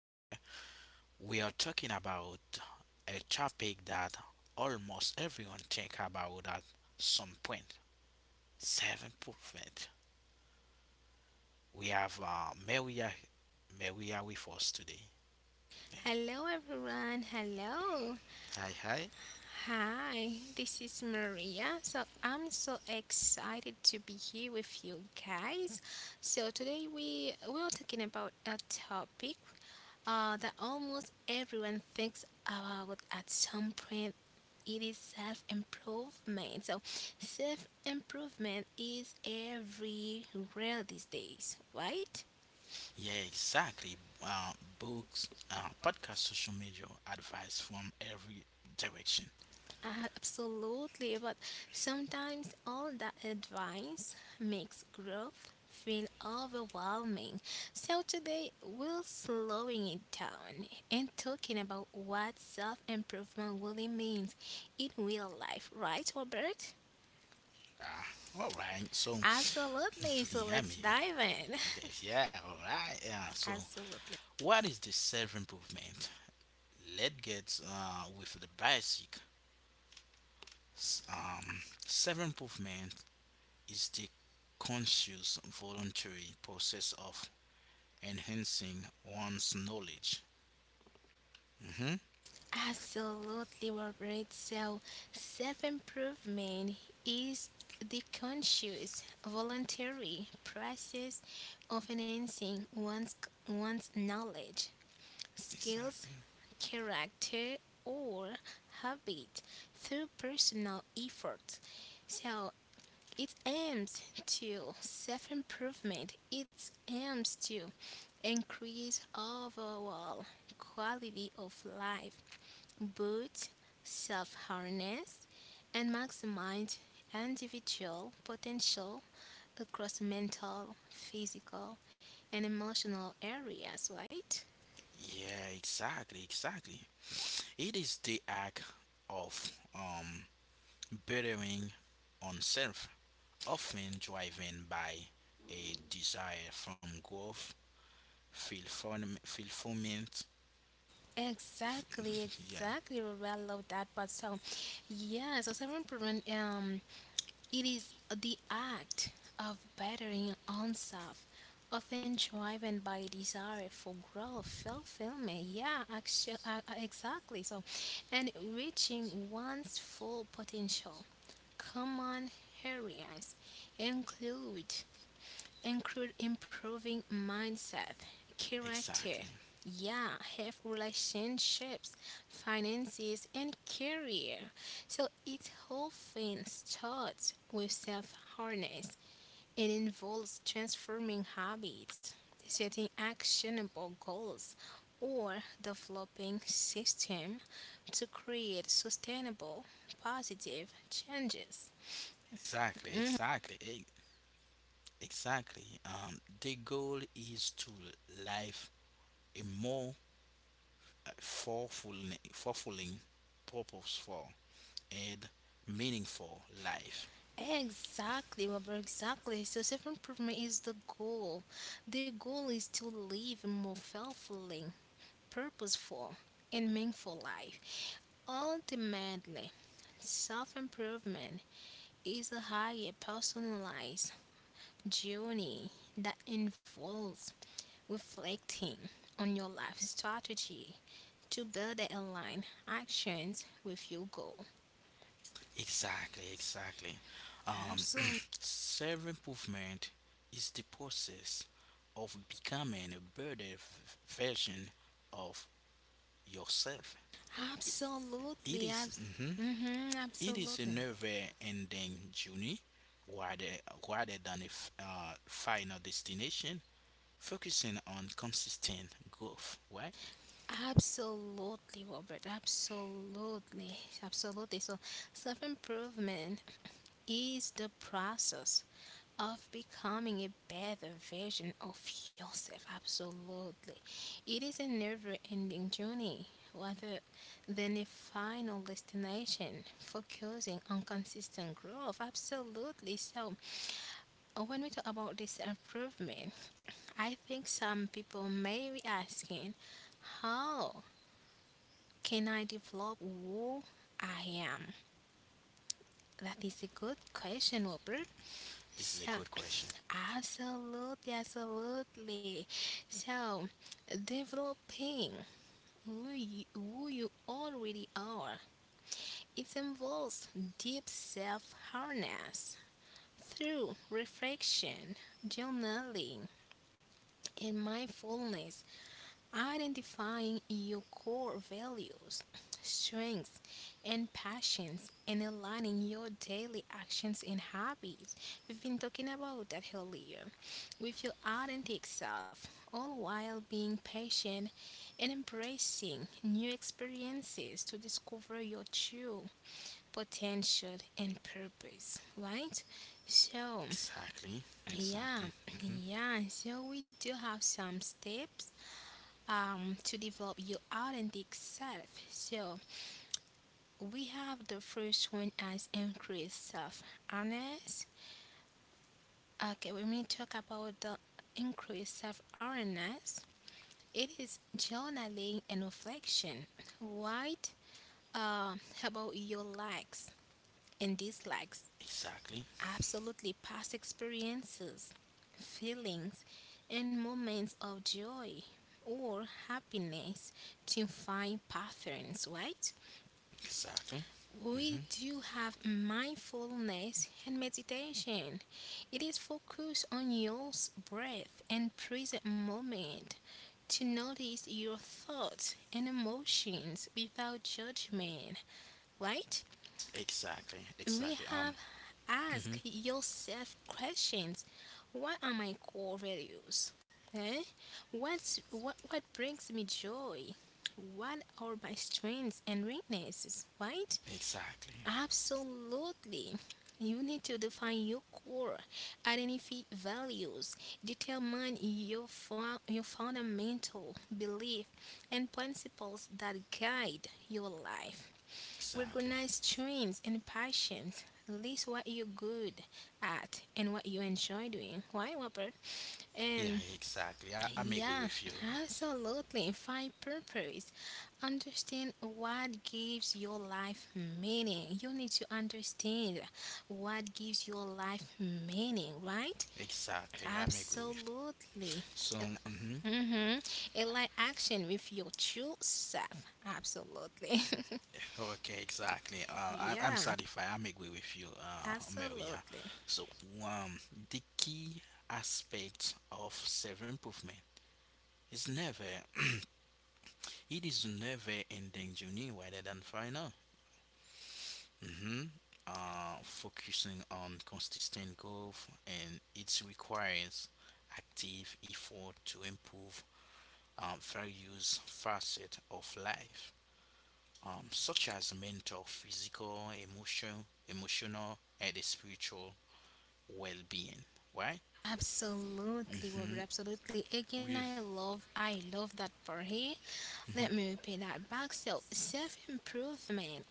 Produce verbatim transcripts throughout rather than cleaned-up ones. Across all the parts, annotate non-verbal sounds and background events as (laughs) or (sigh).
where we are talking about a topic that almost everyone think about at some point. Seven percent. We have uh, Maria, Maria with us today. Hello, everyone. Hello. Hi, hi. Hi, this is Maria. So, I'm so excited to be here with you guys. So, today we, we are talking about a topic uh, that almost everyone thinks about at some point. It is self improvement. So, self improvement is everywhere these days, right? Yeah, exactly. Uh, Books, uh, podcast, social media, advice from every direction. Uh, absolutely, but sometimes all that advice makes growth feel overwhelming. So today we're slowing it down and talking about what self-improvement really means in real life, right, Robert? Ah, all right. So, (laughs) Absolutely. So let's I'm here. dive in. Yes, yeah, all right. Yeah, (laughs) so. Absolutely. What is the self improvement? Let's get uh, with the basic. S- Um, Self improvement is the conscious, voluntary process of enhancing one's knowledge. hmm Absolutely, Robert. So, self improvement is the conscious, voluntary process of enhancing one's, one's knowledge, skills, Exactly. character, or habit through personal effort. So, it aims to self improvement, it aims to increase overall quality of life boost self awareness, and maximize individual potential across mental, physical, and emotional areas, right? Yeah, exactly, exactly. It is the act of um, bettering oneself, often driven by a desire from growth, fulfillment, fulfillment Exactly, (laughs) yeah, exactly. We Well, I love that. But so, yeah, so seven prevent um It is the act of bettering oneself, often driven by a desire for growth, fulfillment. Yeah, actually, uh, uh, exactly. So, and reaching one's full potential. Common areas include include improving mindset, character, Exactly. yeah, health relationships, finances, and career. So it often starts with self harness and involves transforming habits, setting actionable goals, or developing systems to create sustainable positive changes. Exactly. Exactly. e- Exactly. Um, the goal is to live a more uh, fulfilling, fulfilling, purposeful, and meaningful life. Exactly, Robert, exactly. So self-improvement is the goal. The goal is to live a more fulfilling, purposeful, and meaningful life. Ultimately, self-improvement is a higher personalized journey that involves reflecting on your life strategy to better align actions with your goal. Exactly. Exactly. Um, Absolutely. (clears throat) self improvement is the process of becoming a better v- version of yourself. It Absolutely. is- Ab- mhm. mhm, It is a absolutely. never-ending journey rather, rather than a f- uh, final destination, focusing on consistent growth, right? Absolutely, Robert. Absolutely. Absolutely. So, self improvement is the process of becoming a better version of yourself. Absolutely. It is a never ending journey rather than a final destination, focusing on consistent growth. Absolutely. So, uh, when we talk about this improvement, I think some people may be asking, how can I develop who I am? That is a good question, Robert. This is a So, good question. (clears throat) absolutely, absolutely. So, developing who you, who you already are, it involves deep self harness through reflection, journaling, and mindfulness Identifying your core values, strengths, and passions, and aligning your daily actions and habits. We've been talking about that earlier. With your authentic self, all while being patient and embracing new experiences to discover your true potential and purpose, right? So, Exactly, yeah, exactly, hmm yeah, so we do have some steps um, to develop your authentic self. So we have the first one as increased self awareness. Okay, when we talk about the increased self awareness, it is journaling and reflection. Right? Uh, about your likes and dislikes, exactly, absolutely past experiences, feelings, and moments of joy or happiness to find patterns, right? exactly, hmm We do have mindfulness and meditation. It is focused on your breath and present moment to notice your thoughts and emotions without judgment, right? exactly, We exactly. Um, have hmm ask yourself questions. What are my core values? Eh? What's, what, what brings me joy? What are my strengths and weaknesses, right? exactly, Absolutely. You need to define your core, identify values, determine your, fo- your fundamental belief and principles that guide your life. exactly. Recognize strengths and passions. List what you're good at and what you enjoy doing. Why, Whopper? Yeah, And exactly. I, I'm agree yeah, with you. absolutely. Find purpose. Understand what gives your life meaning. You need to understand what gives your life meaning, right? Exactly, I'm agree with. Absolutely. So, mhm. Mm-hmm. Align action with your true self. Absolutely. Okay, exactly. Uh, (laughs) I, I'm Yeah, satisfied. I'm agree with you, uh, Maria. absolutely. So, um, the key aspect of self improvement is never, (clears throat) it is never ending journey rather than final. Mm-hmm. Uh, focusing on consistent growth and it requires active effort to improve um, various facets of life, um, such as mental, physical, emotional, emotional, and the spiritual well-being. Right? Absolutely, Mm-hmm. Robert. Absolutely. Again, We. I love, I love that part. Mm-hmm. Let me repeat that back. So, self improvement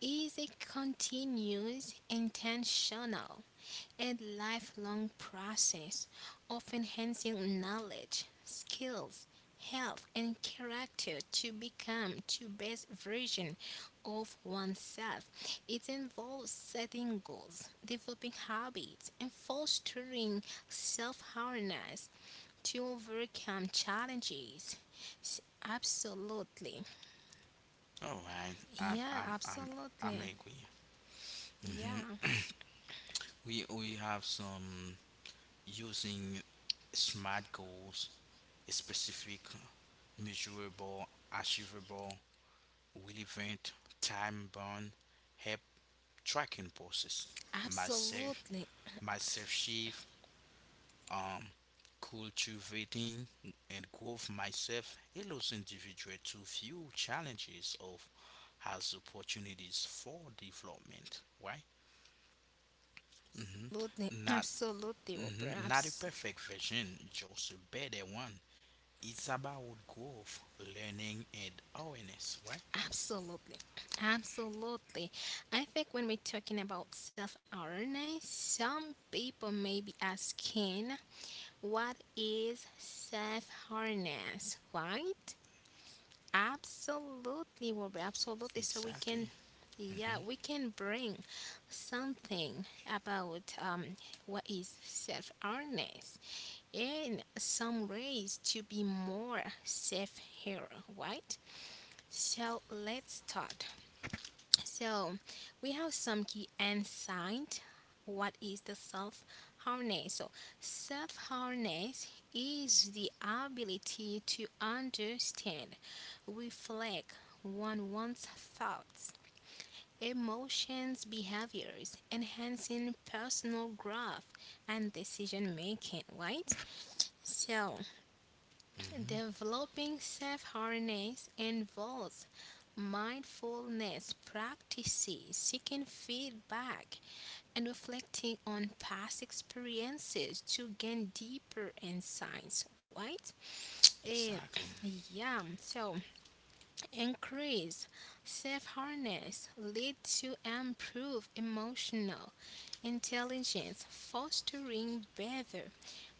is a continuous, intentional, and lifelong process of enhancing knowledge, skills, health, and character to become the best version of oneself. It involves setting goals, developing habits, and fostering self awareness to overcome challenges. S- Absolutely. All right. I'm. Yeah, I'm. I'm. I'm absolutely. agree. Mm-hmm. Yeah, We. We have some using smart goals, specific, measurable, achievable, relevant, time bound, help tracking process, myself, absolutely. myself shift, um, cultivating and growth myself allows individual to view challenges of as opportunities for development, right? hmm Absolutely. Not Absolutely, Wilbur. mhm, not a Abs- perfect version, just a better one. It's about growth, learning, and awareness, right? Absolutely. Absolutely. I think when we're talking about self awareness, some people may be asking, what is self awareness? Right? Absolutely, Wilbur. Absolutely. So we can. Exactly. Yeah, hmm we can bring something about um, what is self awareness, in some ways to be more safe here, right? So let's start. So we have some key insight. What is the self harness? So self harness is the ability to understand, reflect on one's thoughts, emotions, behaviors, enhancing personal growth and decision making, right? So hmm developing self awareness involves mindfulness practices, seeking feedback, and reflecting on past experiences to gain deeper insights, right? Eh, Exactly. (clears throat) yeah, so increased self awareness leads to improved emotional intelligence, fostering better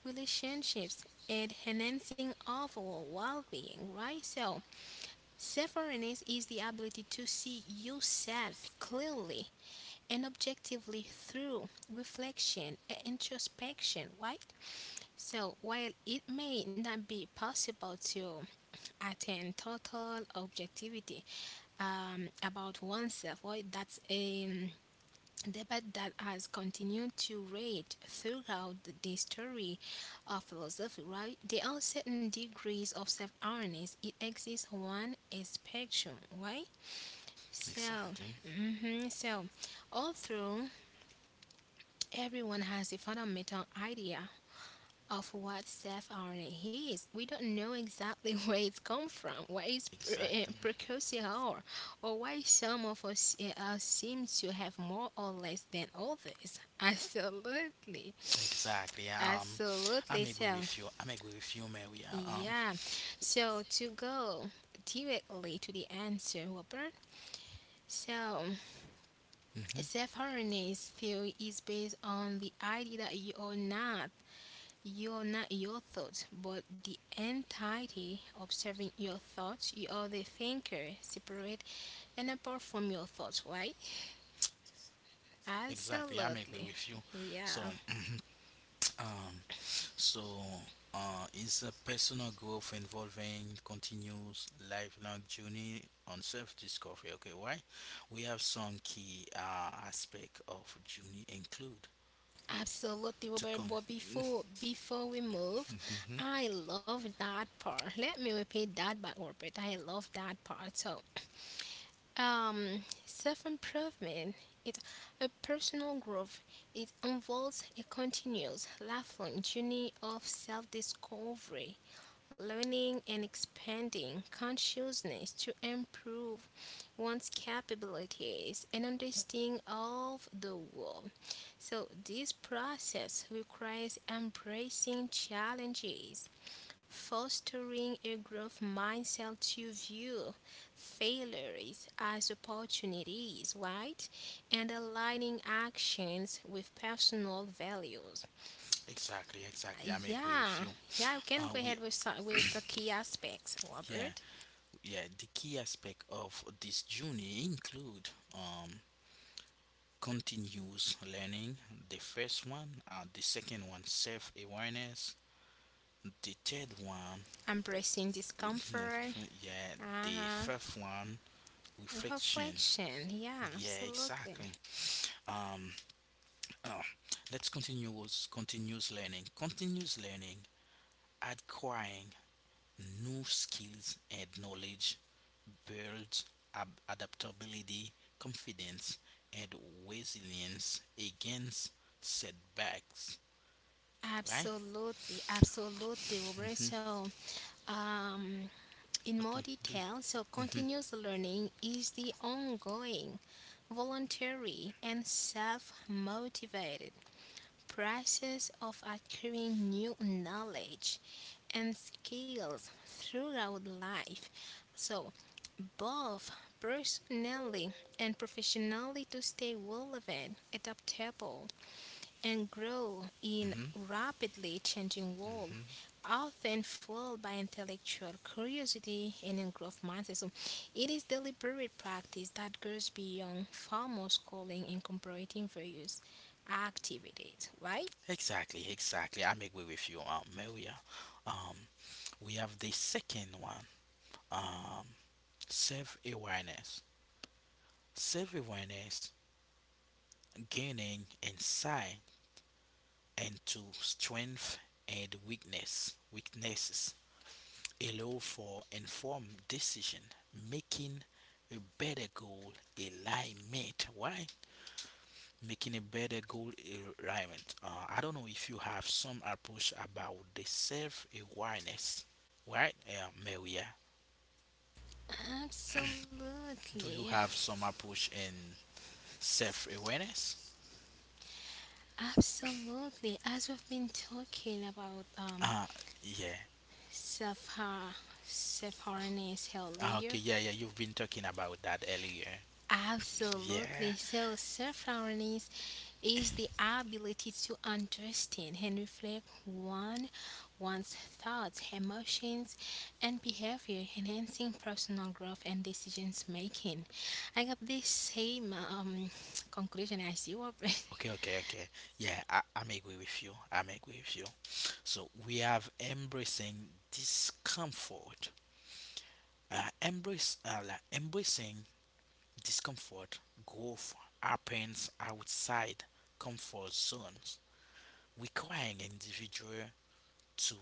relationships and enhancing overall well-being, right? So, self-awareness is the ability to see yourself clearly and objectively through reflection and introspection, right? So, while it may not be possible to attain total objectivity um, about oneself, right? That's a debate that has continued to rage throughout the story of philosophy, right? There are certain degrees of self awareness. It exists one a spectrum, right? So, Exactly. mhm, so although everyone has a fundamental idea of what self awareness is. We don't know exactly (laughs) where it's come from, what is pre- uh, Exactly. precocial or, or why some of us eh, uh, seem to have more or less than others. (laughs) Absolutely. Exactly. Um, I'm Absolutely. agree So, with you. I'm agree with you, Mary. Uh, Um, yeah. So, to go directly to the answer, Robert. So, mhm. self-awareness theory is based on the idea that you are not you are not your thoughts, but the entity observing your thoughts. You are the thinker, separate and apart from your thoughts, right? Exactly, I'm agree Absolutely. with you. So, Yeah, (clears throat) (tsk) um, so uh, it's a personal growth involving continuous lifelong journey on self-discovery. Okay, why? We have some key uh, aspect of journey include absolutely, to Robert. con. But before before we move, hmm I love that part. Let me repeat that back, Robert. I love that part. So Um, self improvement it a personal growth. It involves a continuous, lifelong journey of self discovery, learning, and expanding consciousness to improve one's capabilities and understanding of the world. So, this process requires embracing challenges, fostering a growth mindset to view failures as opportunities, right? And aligning actions with personal values. (laughs) Exactly, exactly. I'm agree with Yeah, you. yeah, you can Uh, go we ahead with, so- with the key aspects, yeah Robert. yeah. The key aspect of this journey include um continuous learning. The first one, uh, the second one, self awareness. The third one, Embracing (laughs) discomfort, yeah, the uh-huh. fifth one, reflection. Reflection, yeah, Yeah, absolutely. exactly. Um, oh, let's continue with continuous learning. Continuous learning, acquiring new skills and knowledge, builds ab- adaptability, confidence, and resilience against setbacks. Right? Absolutely, absolutely, Robert, hmm so Um, In more Okay. Do. detail, so Hmm continuous learning is the ongoing, voluntary, and self motivated process of acquiring new knowledge and skills throughout life. So, both personally and professionally to stay relevant, adaptable, and grow in hmm rapidly changing world, hmm often fueled by intellectual curiosity and in growth mindset. So it is deliberate practice that goes beyond formal schooling and incorporating various activities, right? Exactly, exactly. I'm agree with you, um, Maria. Um, we have the second one, um, self awareness. Self awareness, gaining insight into strength and weakness, weaknesses, allow for informed decision, making a better goal alignment. Why? Making a better goal alignment. Uh, I don't know if you have some approach about the self awareness, right, uh, Maria? Do Absolutely. you have some approach in self awareness? Absolutely. As we've been talking about um, Uh, yeah. self self-awareness Ah, okay, earlier, yeah, yeah, you've been talking about that earlier. Yeah. absolutely. So, self awareness is the ability to understand and reflect one one's thoughts, emotions, and behavior, enhancing personal growth and decisions making. I got the same um, (tsk) conclusion as you, Robert. Okay, okay, okay. Yeah, I, I'm agree with you. I'm agree with you. So we have embracing discomfort. Uh, embrace, uh, like embracing discomfort, growth happens outside comfort zones, requiring individual to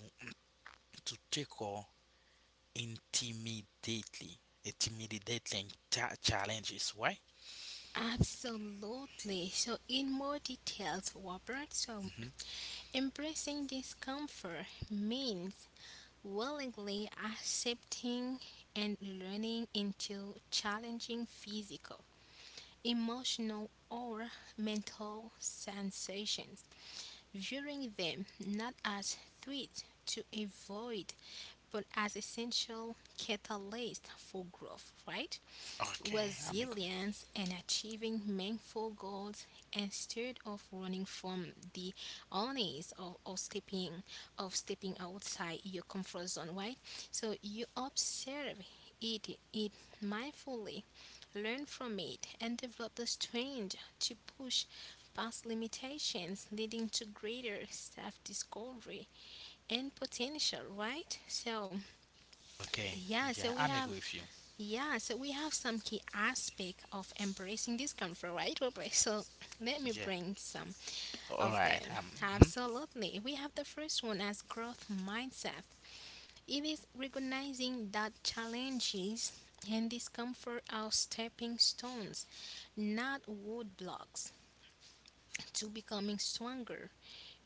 to tackle intimidatingly, intimidating cha- challenges. Why? (laughs) Absolutely. So, in more details, Robert, so hmm embracing discomfort means willingly accepting and learning into challenging physical, emotional, or mental sensations, viewing them not as threats to avoid but as essential catalysts for growth, right? Okay, I'm agree. Resilience and achieving meaningful goals instead of running from the onus or, or stepping of stepping outside your comfort zone, right? So you observe it it mindfully, learn from it, and develop the strength to push past limitations, leading to greater self-discovery and potential, right? So Okay, yeah so yeah, we I'm have agree with you. yeah, so we have some key aspect of embracing discomfort, right, Robert? So let me Yeah, bring some all of right. them. Um, mhm. Absolutely. We have the first one as growth mindset. It is recognizing that challenges and discomfort are stepping stones, not wood blocks, to becoming stronger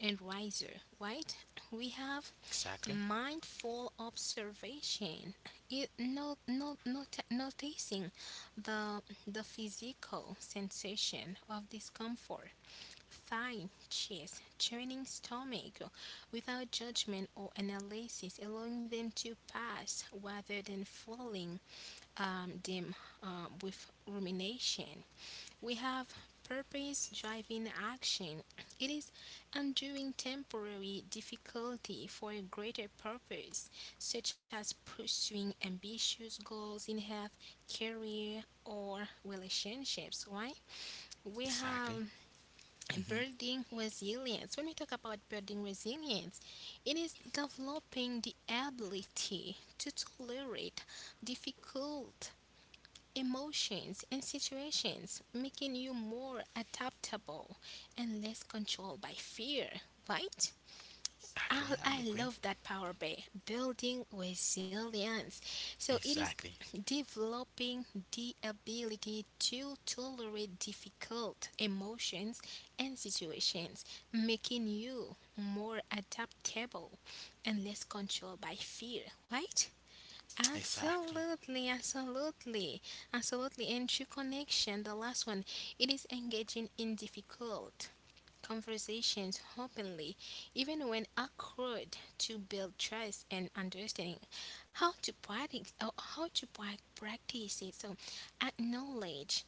and wiser, right? We have exactly, mindful observation, it, no, no, not, noticing the, the physical sensation of discomfort, thigh, chest, churning stomach, without judgment or analysis, allowing them to pass rather than filling um, them um, with rumination. We have purpose driving action. It is undoing temporary difficulty for a greater purpose, such as pursuing ambitious goals in health, career, or relationships. Why? We exactly, have hmm building resilience. When we talk about building resilience, it is developing the ability to tolerate difficult emotions and situations, making you more adaptable and less controlled by fear, right? exactly. I, I'm I agree. love that power by building resilience. So it is Exactly, developing the ability to tolerate difficult emotions and situations, making you more adaptable and less controlled by fear, right? exactly, Absolutely, absolutely, absolutely. And true connection, the last one, it is engaging in difficult conversations openly, even when awkward, to build trust and understanding. How to practice, oh, how to prac- practice it. So, acknowledge,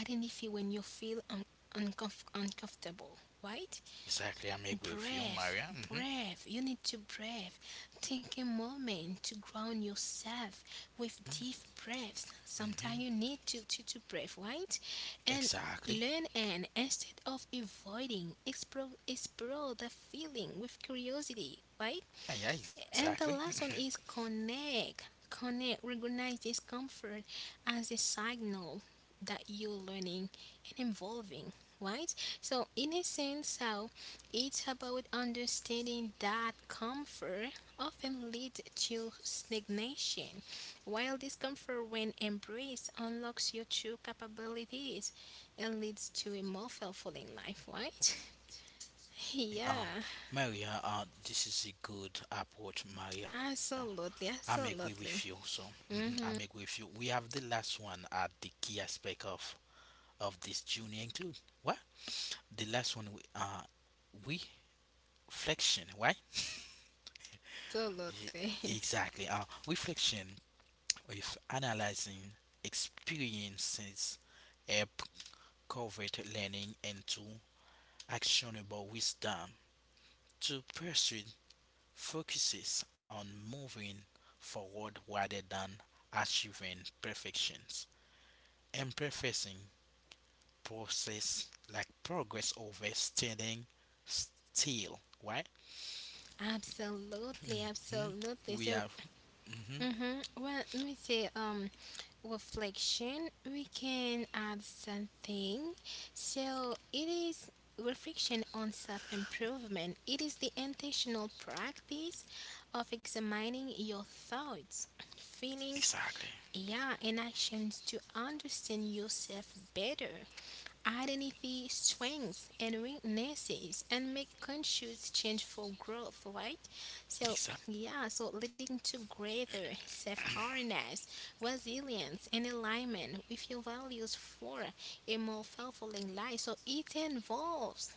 identify when you feel un- uncomf- uncomfortable, right? exactly. I'm agree with you, Breathe, Maria. Hmm breathe. You need to breathe. Take a moment to ground yourself with deep breaths. Sometimes you hmm need to, to, to breathe, right? And Exactly. learn, and instead of avoiding, explore, explore the feeling with curiosity, right? Yeah, yeah, exactly. And the last one (laughs) is connect. Connect, recognize discomfort as a signal that you're learning and evolving, right? So, in a sense, how it's about understanding that comfort often leads to stagnation, while discomfort, when embraced, unlocks your true capabilities and leads to a more fulfilling life, right? (laughs) um, Yeah, Maria, uh, this is a good approach, Maria. I'm absolutely, agree with you. So absolutely. mhm, I'm agree with you. Mhm. We have the last one at the key aspect of of this journey include what the last one we uh we reflection, right? Absolutely. E- (laughs) Exactly. Uh, reflection with analyzing experiences help convert learning into actionable wisdom to pursue focuses on moving forward rather than achieving perfections. Imperfecting process like progress over standing still, right? Absolutely, hmm absolutely. We have So, hmm mm-hmm, well, let me say, um, reflection, we can add something. So, it is reflection on self improvement. It is the intentional practice of examining your thoughts, feelings, exactly, yeah, and actions to understand yourself better, identify strengths and weaknesses, and make conscious change for growth, right? So, exactly, yeah, so leading to greater self awareness, resilience, and alignment with your values for a more fulfilling life. So, it involves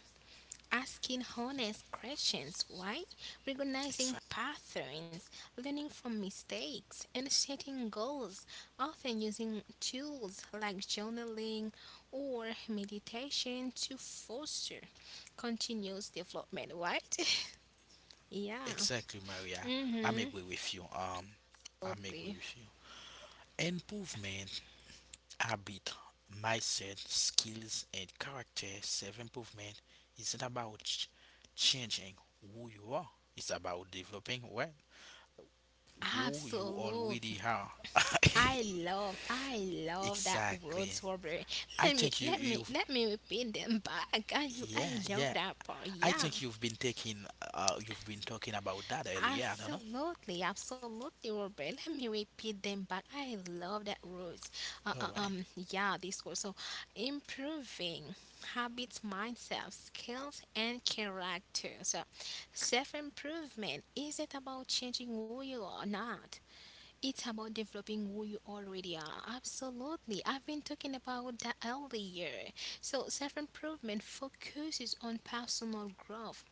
asking honest questions, why? Recognizing exactly, patterns, learning from mistakes, and setting goals, often using tools like journaling or meditation to foster continuous development, right? (laughs) Yeah. exactly, Maria. I'm Mm-hmm. agree with you. Um, I'm Absolutely. agree with you. Improvement habit, mindset, skills, and character self improvement isn't about ch- changing who you are, it's about developing what? Who you Absolutely. already are. (laughs) I love I love that word, exactly. Robert. I Let me think you, let me you've, let me repeat them back. I, you yeah, I love yeah. that part. I Yeah. think you've been taking, uh, you've been talking about that earlier. I don't know. Absolutely, absolutely, Robert. (laughs) Let me repeat them back. I love that words. Uh, All uh, right. Um, yeah, this word. So, improving habits, mindset, skills, and character. So, self improvement isn't about changing who you are, not. It's about developing who you already are. Absolutely. I've been talking about that earlier. So, self improvement focuses on personal growth,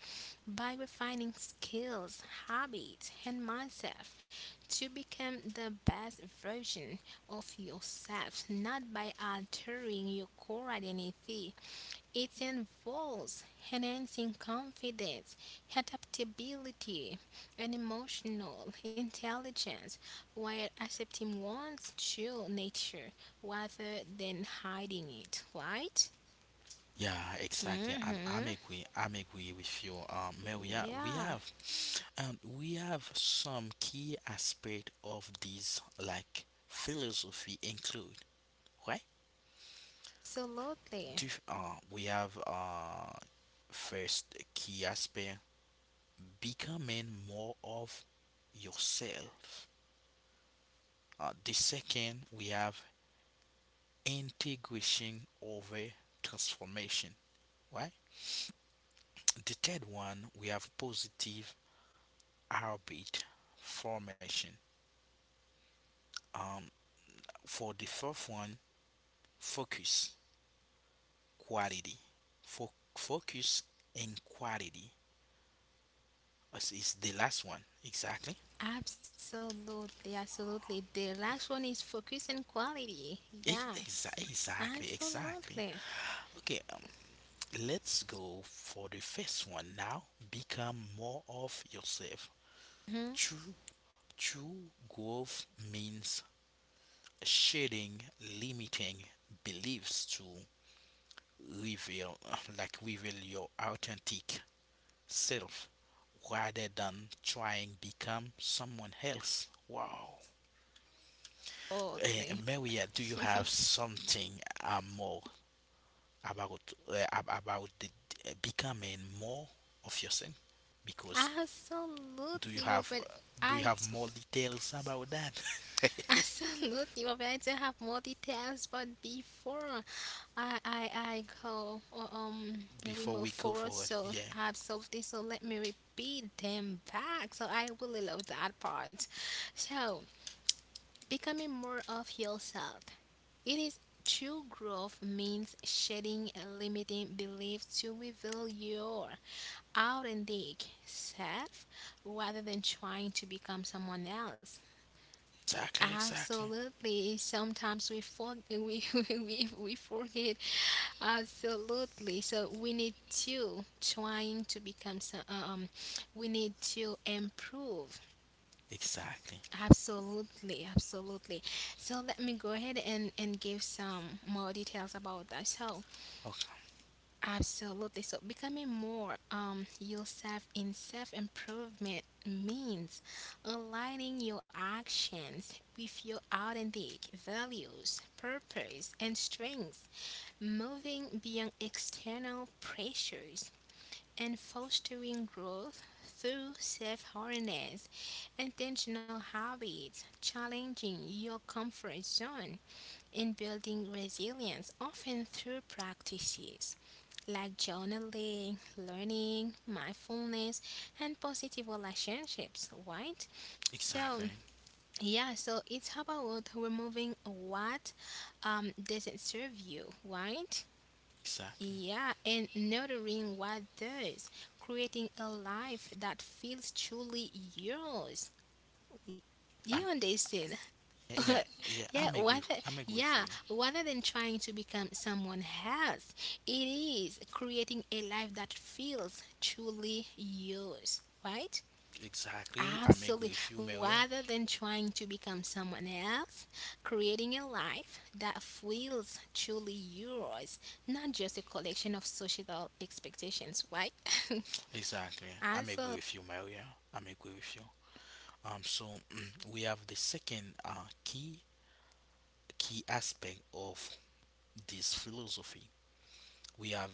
by refining skills, habits, and mindset to become the best version of yourself, not by altering your core identity. It involves enhancing confidence, adaptability, and emotional intelligence while accepting one's true nature rather than hiding it, right? Yeah, exactly. I'm Hmm. I'm agree I'm agree with you. Um, Maria, we Yeah, have um we have some key aspect of these like philosophy include right? absolutely. Do uh we have uh first key aspect becoming more of yourself. Uh, the second we have integration over transformation, right? The third one we have positive habit formation. Um, for the fourth one, focus quality. For focus and quality is is the last one. Exactly. Absolutely, absolutely. The last one is focus and quality. Ex- Yeah, exa- Exactly. Exactly. absolutely. Okay. um, Let's go for the first one now. Become more of yourself. Hmm. True. True growth means shedding limiting beliefs to reveal, (laughs) like reveal your authentic self rather than trying become someone else. Wow. Eh, Absolutely. Maria, do you (laughs) have something uh, more about uh, ab- about the, uh, becoming more of yourself? Because do Absolutely, you have Robert. uh, do you I have d- more details about that (laughs) (laughs) absolutely, Robert. I do have more details, but before I I, I go uh, um we before move we go forward, forward? so Yeah. absolutely. So let me repeat them back. So I really love that part. So becoming more of yourself. It is true growth means shedding limiting beliefs to reveal your authentic self rather than trying to become someone else. Exactly. Exactly. Absolutely. Sometimes we for, (laughs) we, we we forget. Absolutely. So we need to trying to become some. Um, we need to improve. Exactly. Absolutely, absolutely. So let me go ahead and and give some more details about that. So Okay. absolutely. So becoming more um yourself in self improvement means aligning your actions with your authentic values, purpose and strengths, moving beyond external pressures and fostering growth through self awareness, intentional habits, challenging your comfort zone in building resilience, often through practices like journaling, learning, mindfulness, and positive relationships, right? So, Exactly. yeah, so it's about removing what um, doesn't serve you, right? Exactly. Yeah, and nurturing what does, creating a life that feels truly yours. You Um. understand. Yeah. (laughs) Yeah. Yeah, I'm agree. rather I'm agree with yeah, you. rather than trying to become someone else, it is creating a life that feels truly yours, right? Exactly. I'm agree Absolutely. with you, Maria. Rather than trying to become someone else, creating a life that feels truly yours, not just a collection of societal expectations, right? (laughs) Exactly. I'm agree Absolutely. with you, Maria. I'm agree with you. Um, so (clears throat) we have the second uh, key key aspect of this philosophy. We have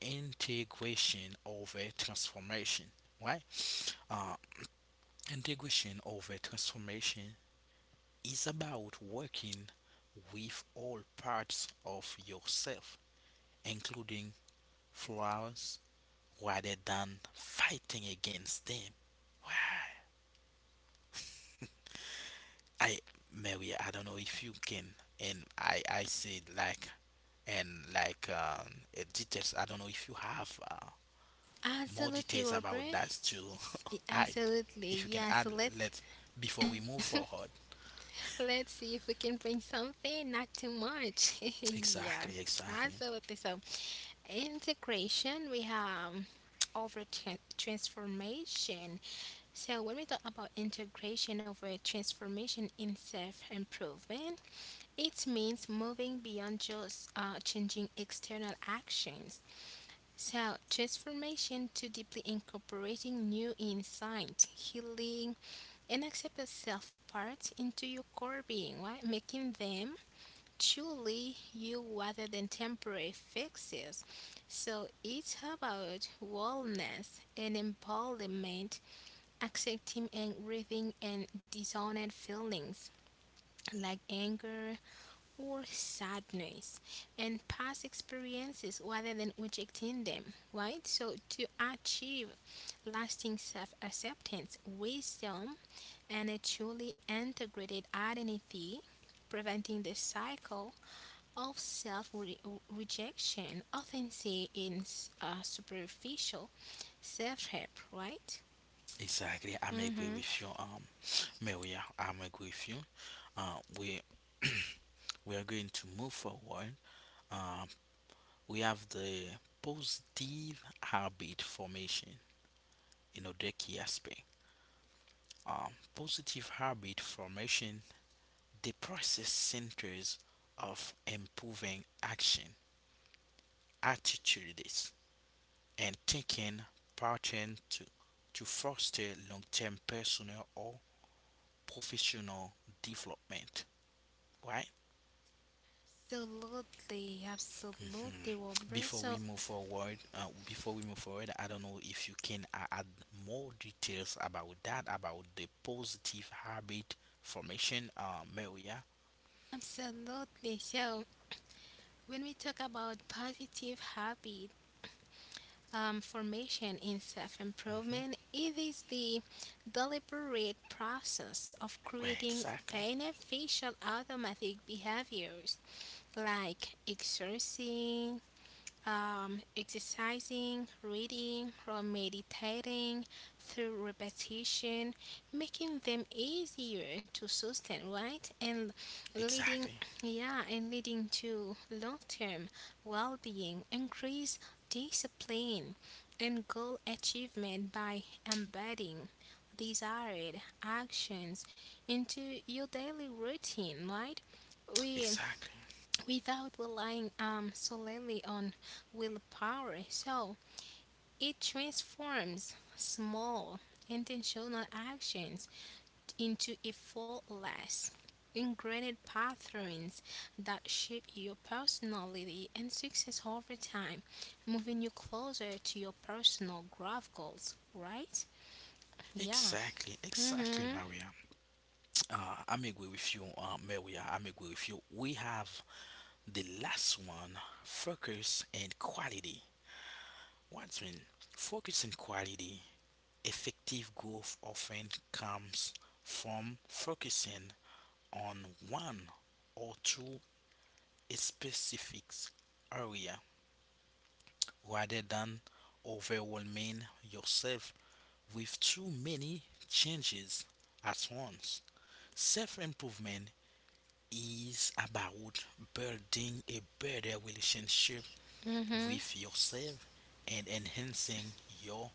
integration over transformation. Right? Uh, integration over transformation is about working with all parts of yourself, including flaws, rather than fighting against them. Why? I Mary, I don't know if you can, and I I said like, and like um uh, details. I don't know if you have uh, more Absolutely, details about Robert. that to (laughs) add. Absolutely. If you can Yeah, so add, let's let before we move forward. Let's see if we can bring something, not too much. (laughs) Yeah, Exactly, exactly, absolutely. So, okay, so, integration, we have over tran- transformation. So, when we talk about integration over transformation in self improvement, it means moving beyond just uh, changing external actions. So, transformation to deeply incorporating new insight, healing, and acceptance self parts into your core being, right? Making them truly you rather than temporary fixes. So it's about wellness and empowerment, accepting and grieving and dishonored feelings like anger or sadness and past experiences rather than rejecting them, right? So to achieve lasting self acceptance, wisdom, and a truly integrated identity, preventing the cycle of self rejection often seen in s- uh, superficial self help, right? exactly. I'm agree Mm-hmm. with you, um, Mary. I'm agree with you. Uh, we (clears throat) we are going to move forward. Um, we have the positive habit formation. You know the key aspect. Uh, positive habit formation, the process centers of improving action, attitudes, and thinking pattern to, to foster long-term personal or professional development, right? Absolutely, Mhm. absolutely, Robert. Before we So, move forward, uh, before we move forward, I don't know if you can a- add more details about that, about the positive habit formation, uh, Maria. absolutely. So, when we talk about positive habit um, formation in self hmm improvement, it is the deliberate process of Well, creating exactly. beneficial automatic behaviors like exercising, um, exercising, reading, or meditating through repetition, making them easier to sustain, right? And leading, Exactly, yeah, and leading to long term well being, increase discipline, and goal achievement by embedding desired actions into your daily routine, right? We exactly, without relying um, solely on willpower. So it transforms small intentional actions into effortless ingrained patterns that shape your personality and success over time, moving you closer to your personal growth goals, right? Yeah. exactly, exactly, Mm-hmm. Maria. Uh, I'm agree with you, uh, Maria. I'm agree with you. We have the last one: focus and quality. What's mean? Focus and quality. Effective growth often comes from focusing on one or two specific area rather than overwhelming yourself with too many changes at once. Self improvement is about building a better relationship Mm-hmm. with yourself and enhancing your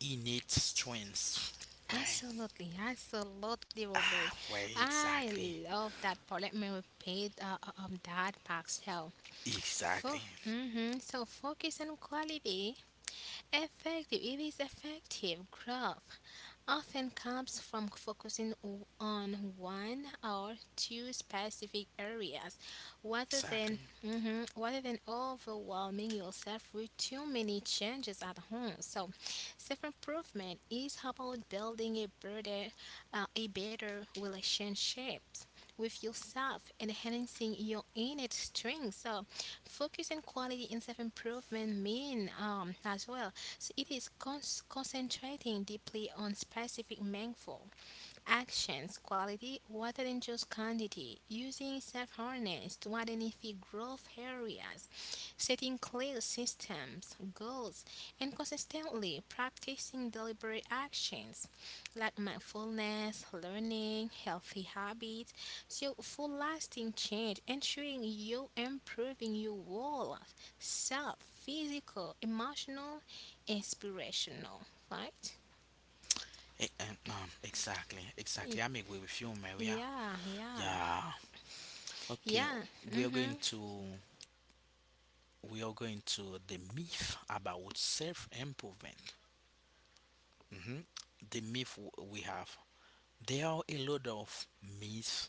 innate strengths. Why? Absolutely, absolutely, Robert. Ah, why I exactly? love that Parliament we paid uh, uh, um, that pastel. For, Exactly. mm-hmm. So focus on quality, effective. It is effective growth often comes from focusing o- on one or two specific areas rather than Exactly. mhm, rather than overwhelming yourself with too many changes at home. So, self-improvement is about building a better uh, a better relationship with yourself, enhancing your innate strength. So, focus on quality and self improvement mean um, as well, so it is cons- concentrating deeply on specific mindful actions quality rather than just quantity, using self harness to identify growth areas, setting clear systems, goals, and consistently practicing deliberate actions like mindfulness, learning, healthy habits. So, for lasting change, ensuring you improving your whole self, physical, emotional, inspirational, right? Eh, eh, um, exactly. Y- Exactly. I'm agree with you, Maria. Yeah, yeah. Yeah. Okay. Yeah. We are Mhm. going to we are going to the myth about self improvement. Mhm. The myth w- we have. There are a lot of myths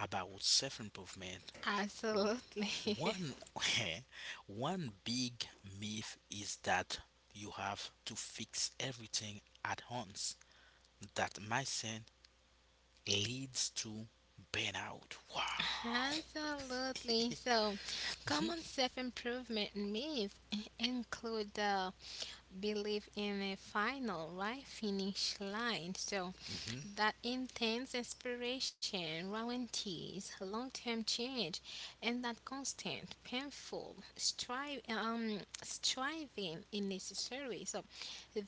about self improvement. Absolutely. One, (laughs) (laughs) one big myth is that you have to fix everything at once. That mindset leads to burnout. Wow. Absolutely. So, common Mhm. self improvement myths include the belief in a final, right, finish line. So, Mhm. that intense inspiration guarantees long-term change and that constant painful strive um, striving is necessary, so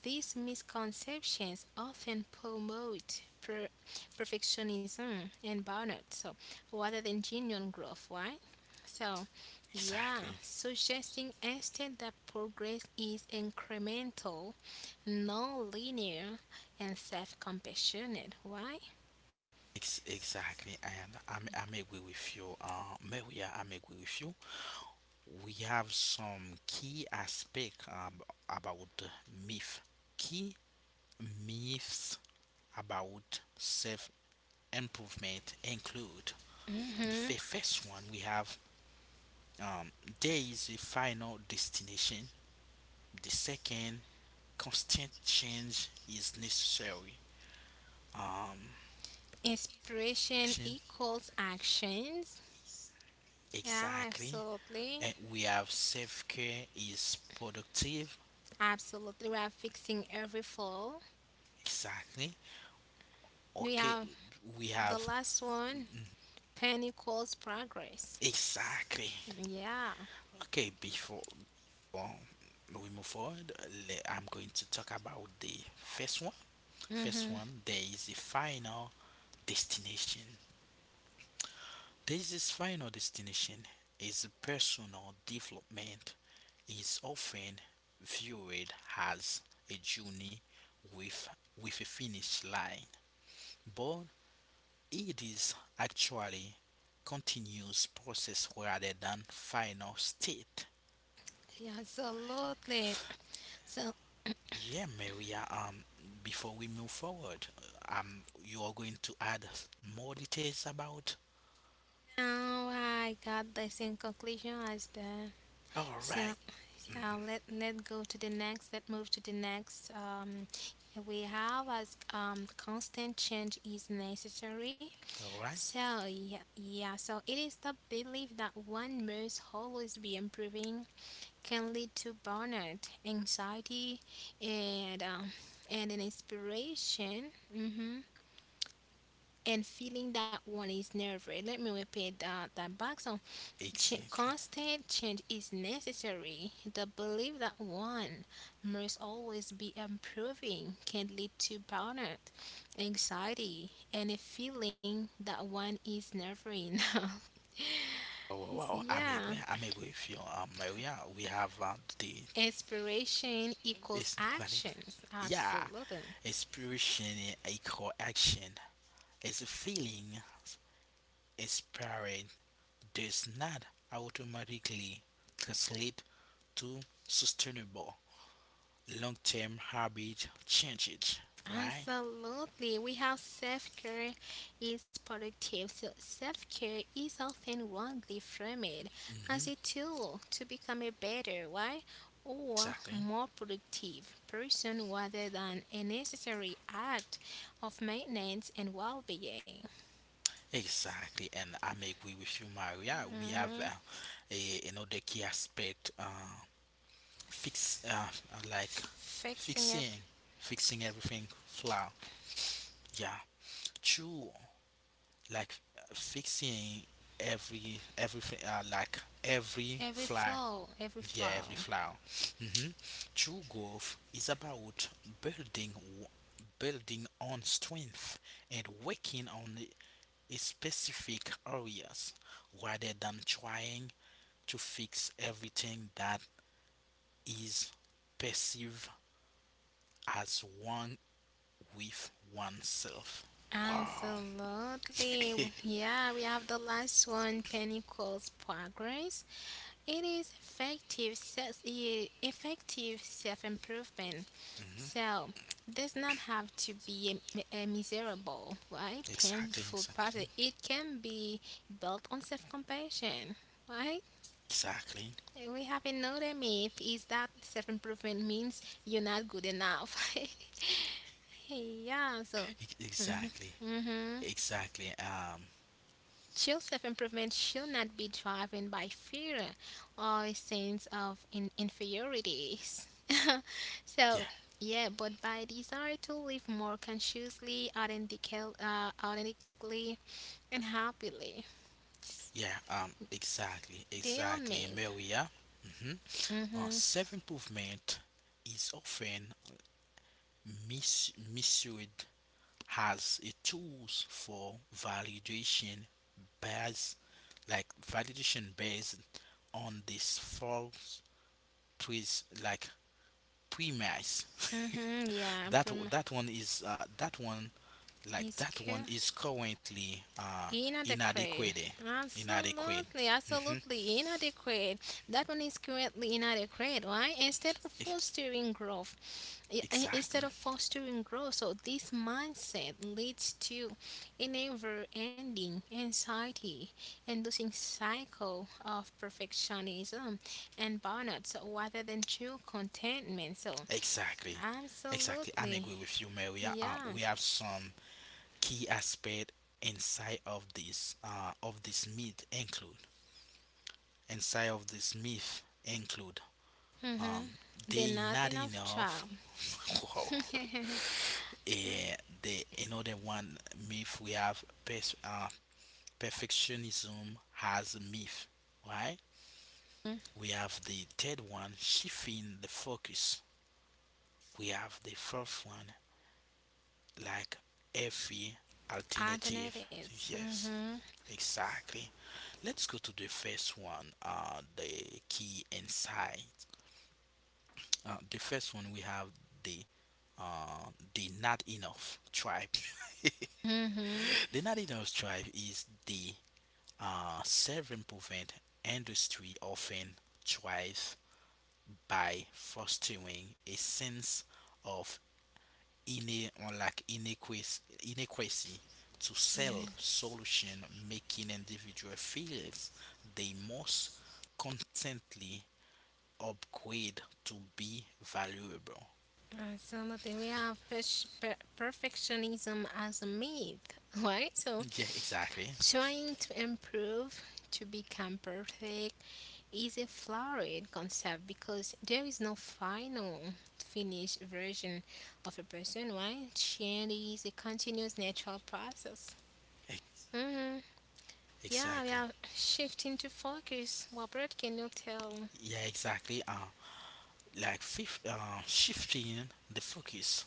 these misconceptions often promote per- perfectionism and burnout, so rather than genuine growth, right? So yeah, Exactly. suggesting instead that progress is incremental, non-linear, and self compassionate. Why? Ex- exactly. And I'm, I'm agree with you, uh, Maria. I'm agree with you. We have some key aspect ab- about myth. Key myths about self improvement include the Hmm. fi- first one we have um, there is a final destination. The second, constant change is necessary. Um, Inspiration action, equals actions. Yeah, exactly. absolutely. And we have self care is productive. Absolutely. We are fixing every fall. Exactly. We Okay, have the we last have one, pain equals progress. exactly. Yeah. Okay, before well, we move forward, le- I'm going to talk about the first one. First Hmm. one, there is a final destination. This is final destination is personal development is often viewed as a journey with with a finish line, but it is actually continuous process rather than final state. Yeah, absolutely. So Yeah, Maria, um, before we move forward, uh, um, you are going to add more details about. now I got this in conclusion as the All so right, yeah, let let go to the next. Let move to the next. Um, we have as um constant change is necessary. all right, So yeah, yeah. So it is the belief that one must always be improving can lead to burnout, anxiety, and um, and an inspiration. Mm-hmm. And feeling that one is never. Let me repeat that that back. So Ch- exactly. constant change is necessary. The belief that one must always be improving can lead to burnout, anxiety, and a feeling that one is never enough. Wow, wow, (laughs) It's- wow. I'm agree, yeah. I'm agree with you, um, Maria. We have uh, the Inspiration is equals quality. actions. Yeah, Absolutely. inspiration equal action. It's a feeling inspired does not automatically translate to sustainable long-term habit changes. Why? Absolutely. We have self care is productive. So self care is often wrongly framed as hmm a tool to become a better, why? Or Exactly. more productive person rather than a necessary act of maintenance and well being. Exactly. And I may agree with you, Maria. We have Hmm. uh, a, another key aspect, uh, fix, uh, uh, like Fixing ev- fixing, fixing everything flaw. Yeah, true. Like uh, fixing every, everything, uh, like every every flaw. flaw, every Yeah, flaw. every flaw. hmm True growth is about building, w- building on strength and working on specific areas rather than trying to fix everything that is perceived as wrong with oneself. Wow. Absolutely. (laughs) Yeah, we have the last one. Penny calls progress. It is effective self yeah, effective self improvement. So does not have to be a, mi- a miserable, right, exactly, painful exactly. process. It can be built on self compassion, right? Exactly. We have another myth is that self improvement means you're not good enough. (laughs) Yeah. So. ex- Exactly. Hmm. Exactly. Um True self improvement should not be driven by fear or a sense of in- inferiorities. (laughs) yeah, So, yeah, but by desire to live more consciously, authentically, uh, authentically and happily. yeah, um exactly, Dear exactly, me. Maria. Mm-hmm. Uh, Mm-hmm. Self improvement is often mis- misread has a tools for validation based like validation based on this false premise like premise. Mm-hmm. (laughs) Yeah, that prom- that one is uh, that one like it's that one cool. is currently uh, Inadequate. inadequate eh, inadequate. Absolutely, Hmm, absolutely inadequate. That one is currently inadequate, why? Instead of fostering growth, i- i- exactly, instead of fostering growth, so this mindset leads to a never ending anxiety, and losing cycle of perfectionism and burnout, so rather than true contentment. So, exactly, exactly. I'm absolutely, agree with you, Maria. um, yeah. We have some key aspect inside of this uh, of this meat include inside of this myth include, Mm-hmm. um, They're they not not enough enough. job. (laughs) Wow. Eh, the another one myth we have pers- uh, perfectionism has a myth, right? (laughs) We have the third one, shifting the focus. We have the fourth one, like every alternative. Alternatives. Yes, exactly. Let's go to the first one. Uh, the key insight. Uh, the first one we have the uh, the Not Enough Tribe. Mm-hmm. Mm-hmm. (laughs) The Not Enough Tribe is the uh, self-improvement industry often thrives by fostering a sense of ine- or like inequis- inequity to sell Yeah. solution making individual feels they must constantly upgrade to be valuable. Uh, some of the we have pers- per- perfectionism as a myth, (laughs) right? So, Yeah, exactly. trying to improve to become perfect is a flawed concept because there is no final finished version of a person, right? Change is a continuous natural process. Ex- Mm-hmm. Yeah, we exactly. are shifting to focus. What Brett can you tell? Yeah, exactly. Uh like fif- uh, shifting the focus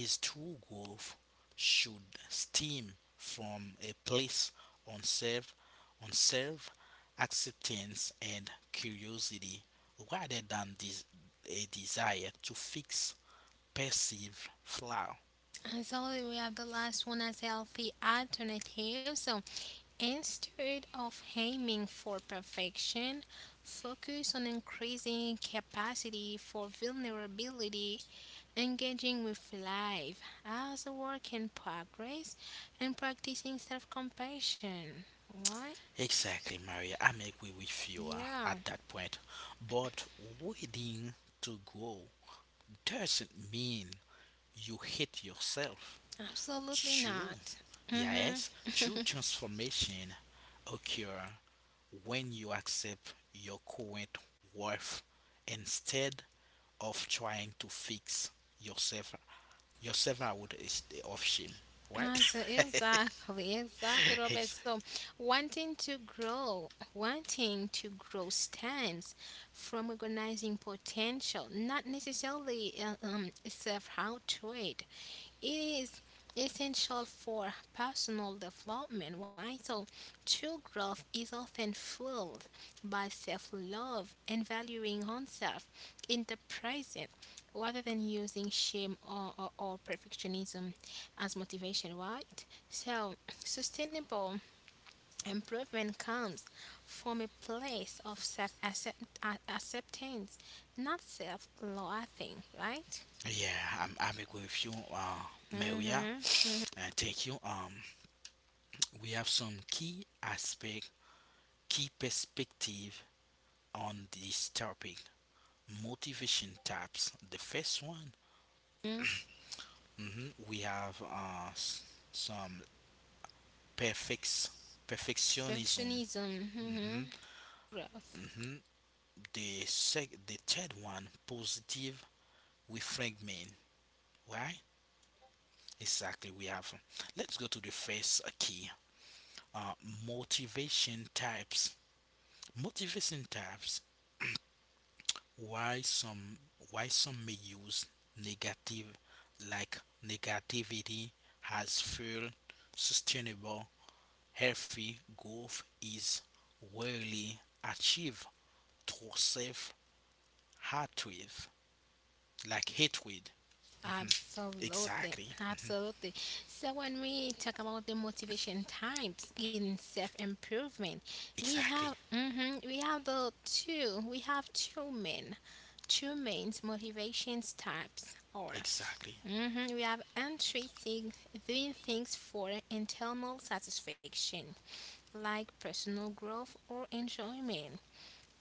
is true growth should stem from a place on self on self acceptance and curiosity rather than this a desire to fix perceived flaw. Absolutely, we have the last one as healthy alternative. So instead of aiming for perfection, focus on increasing capacity for vulnerability, engaging with life as a work in progress, and practicing self compassion. Why? Exactly, Maria. I'm agree with you, uh, Yeah, at that point, but waiting to grow doesn't mean you hate yourself. absolutely True, not. Hmm. yes, true transformation occur when you accept your current worth instead of trying to fix yourself yourself out is the of shame, right? Yes, (laughs) exactly, exactly, Robert. Yes. So, wanting to grow, wanting to grow stems from recognizing potential, not necessarily uh, um, self-hatred. It is essential for personal development, right? So, true growth is often fueled by self love and valuing oneself in the present rather than using shame or, or, or perfectionism as motivation, right? So, sustainable improvement comes from a place of self acceptance, not self loathing, right? Yeah, I'm I'm agree with you, uh, Maria. Hmm. Uh, thank you. Um, we have some key aspect, key perspective on this topic. Motivation types. The first one, mhm, we have uh, s- some perfects, perfectionism. Perfectionism. Hmm. Hmm. Growth. Hmm. The sec- the third one, positive reframing. Right? Exactly. We have. Let's go to the first key. Uh, motivation types. Motivation types. Why some why some may use negative like negativity has fuel sustainable. Healthy growth is rarely achieved through self hatred, like hatred. Absolutely, Exactly, absolutely. So, when we talk about the motivation types in self improvement, we have exactly, mhm, we have the two we have two main two main motivation types or exactly, mhm, we have intrinsic, doing things for internal satisfaction like personal growth or enjoyment,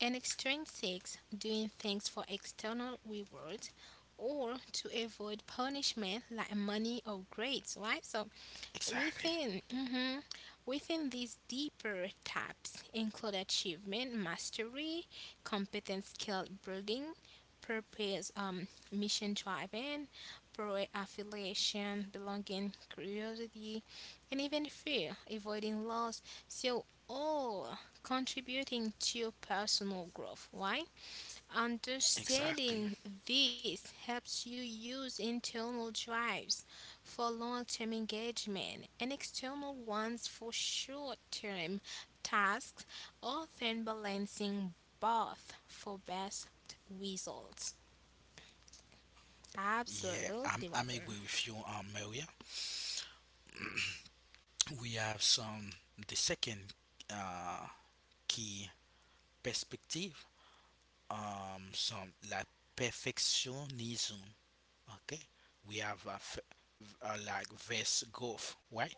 and extrinsics, doing things for external rewards or to avoid punishment like money or grades, right? So exactly, within mhm, within these deeper tabs include achievement mastery, competence skill building, purpose, um, mission driven, pro affiliation, belonging, curiosity, and even fear, avoiding loss. So, all contributing to your personal growth. Why? exactly. Understanding this helps you use internal drives for long term engagement and external ones for short term tasks, often balancing both for best results. Yeah, I'm, Absolutely, I'm Robert. agree with you, um, Maria. We have some the second uh, key perspective, um, some like perfectionism. Okay, we have a, f- a like verse growth, right?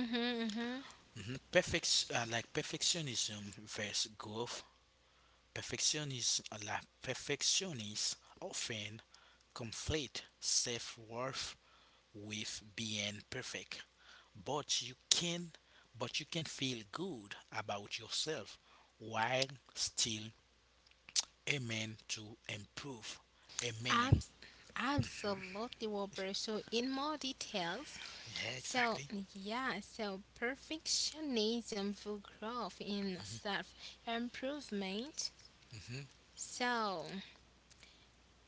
Mm-hmm, Mhm. Perfect, uh, like perfectionism versus growth. Perfectionism, uh, like perfectionists often conflate self-worth with being perfect. But you can, but you can feel good about yourself while still aiming to improve a meaning. mm-hmm. Absolutely, Wilbur. So, in more details, Yeah, so exactly. yeah, so perfectionism for growth in self improvement. Hmm. So,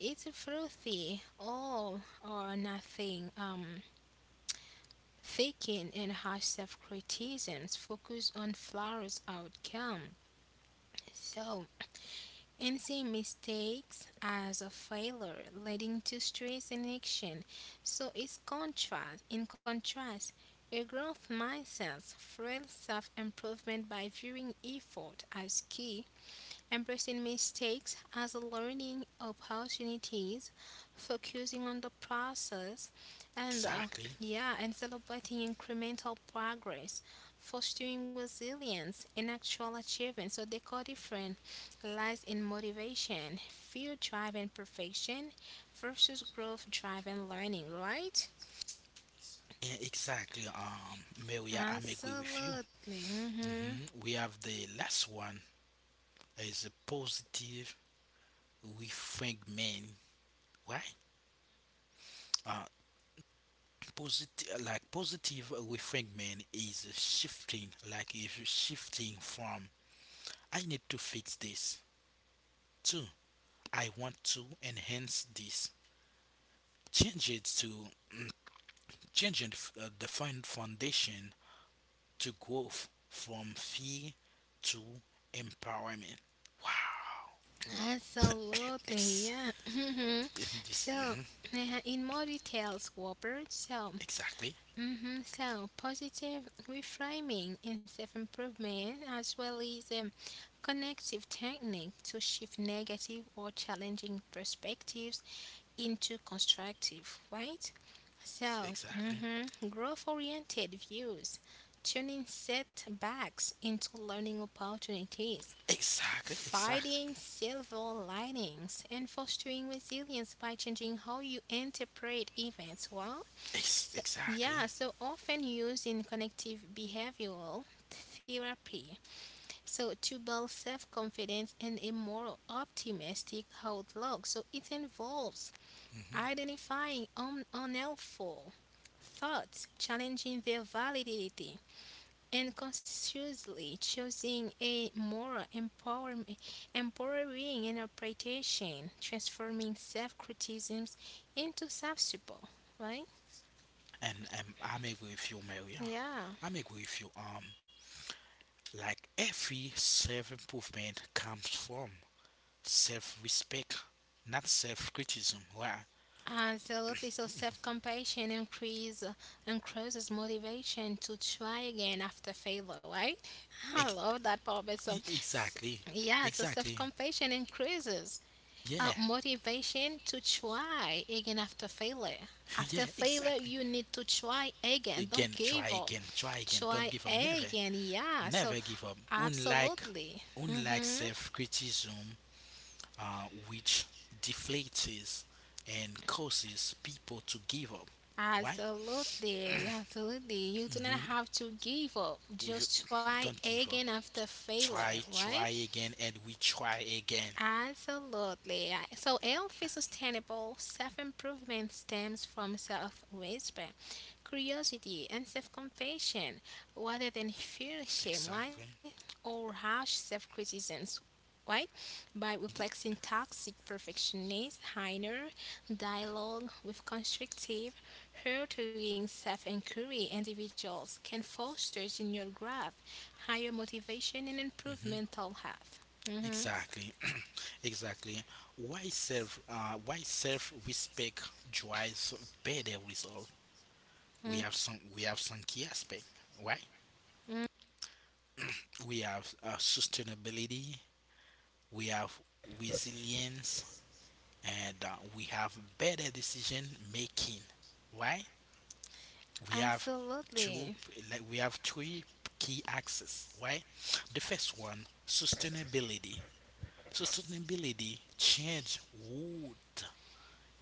it's a fruity all or nothing um, thinking and harsh self criticisms focus on flawed outcome. So, and see mistakes as a failure, leading to stress and action. So it's contrast. In contrast, a growth mindset fuels self-improvement by viewing effort as key embracing mistakes as learning opportunities, focusing on the process, and uh, Exactly. yeah, and celebrating incremental progress, fostering resilience and actual achievement. So the core difference lies in motivation, fear driven perfection versus growth driven learning, right? Yeah, exactly. Um, Mary, I- I'm agree with you. Absolutely. Hmm Hmm. We have the last one, is a positive reframing, right? Uh, positive, like positive reframing is a shifting, like if you're shifting from I need to fix this to I want to enhance this. Change it to Change it, uh, the fun- foundation to growth from fear to empowerment. Wow. (laughs) Absolutely, Ex- yeah. hmm in this, So, mhm. uh, in more details, Robert. So, Exactly. hmm so positive reframing and self-improvement, as well as um, connective technique to shift negative or challenging perspectives into constructive, right? So, Exactly. hmm growth-oriented views, turning setbacks into learning opportunities Exactly. Exactly. finding silver linings and fostering resilience by changing how you interpret events. Well, Ex- so, Exactly. yeah, so often used in connective behavioral therapy. So to build self-confidence and a more optimistic outlook. So it involves Hmm. identifying un- unhelpful thoughts, challenging their validity, and consciously choosing a more empowerm- empowering interpretation, transforming self criticisms into self support, right? And and I'm agree with you, Maria. Yeah. I'm agree with you. Um, like every self improvement comes from self respect, not self criticism. Right? Absolutely. So self compassion increase increases motivation to try again after failure, right? (laughs) I Ex- love that part. But so, e- s- exactly. Yeah. So self Exactly. compassion increases uh, Yeah. (laughs) motivation to try again after failure. Yeah. After failure, Exactly. you need to try again. Don't Again, try give up. again. Try again. Don't Try give up. Never. again. Yeah. So, Never give up. Unlike absolutely. Unlike Mm-hmm. self criticism, uh, which deflates and causes people to give up. Why? Absolutely. Absolutely. You do not have to give up. We ju- Just try don't give again up. after failure, Try, right? try again, and we try again. Absolutely. I- So, healthy, sustainable self improvement stems from self respect, curiosity, and self compassion rather than fear, shame, right? Exactly. Or harsh self criticisms, right? By replacing toxic perfectionist, higher dialogue with constructive, nurturing self inquiry, individuals can foster your growth, higher motivation, and improve Hmm. mental health. Hmm Exactly. (clears throat) Exactly. Why self? Uh, why self-respect drives better result? We have some. We have some key aspect. Why? We have uh, sustainability. We have resilience and uh, we have better decision making. Why? We have two Absolutely. like we have three key axes. Why? The first one, sustainability. Sustainability change would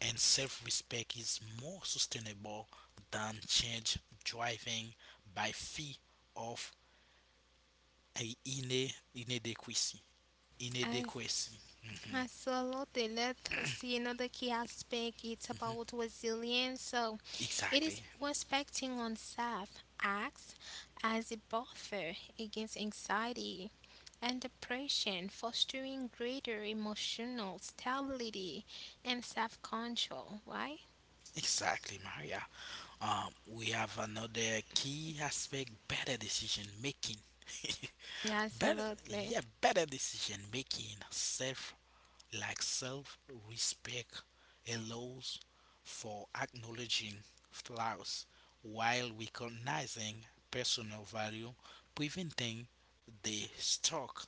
and Self-respect is more sustainable than change driving by fee of a ine- inadequacy, As, inadequacy. absolutely. Let's see another key aspect. It's about resilience. So it is Exactly. respecting oneself acts as a buffer against anxiety and depression, fostering greater emotional stability and self control, right? Exactly, Maria. Um, we have another key aspect, better decision making. (laughs) better, Absolutely. yeah, better decision making. Self, like self respect allows for acknowledging flaws while recognizing personal value, preventing the stuck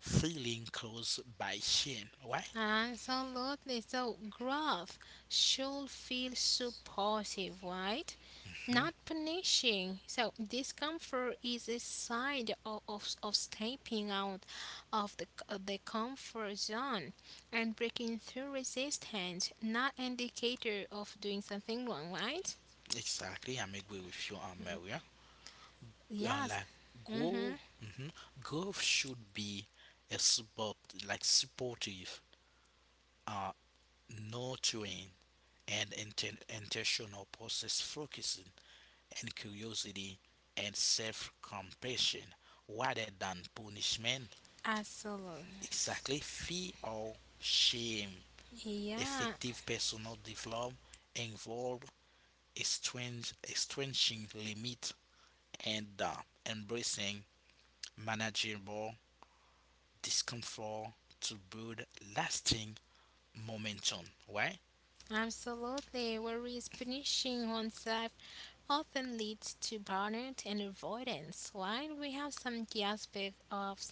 feeling caused by shame. Why? Ah, Absolutely. So growth should feel supportive, right? Hmm. Not punishing. So discomfort is a sign of, of, of stepping out of the, of the comfort zone and breaking through resistance, not indicator of doing something wrong, right? Exactly, I'm agree with you, um, Maria. uh, Yes. Like Mm-hmm. goal, mhm, golf should be a support, like supportive, uh nurturing, and inten- intentional process focusing and curiosity and self-compassion rather than punishment, Absolutely. exactly fear or shame. Yeah. Effective personal development involve a strange stretching limit and uh, embracing manageable discomfort to build lasting momentum. Right? Absolutely. Whereas punishing oneself often leads to burnout and avoidance. While we have some key aspects of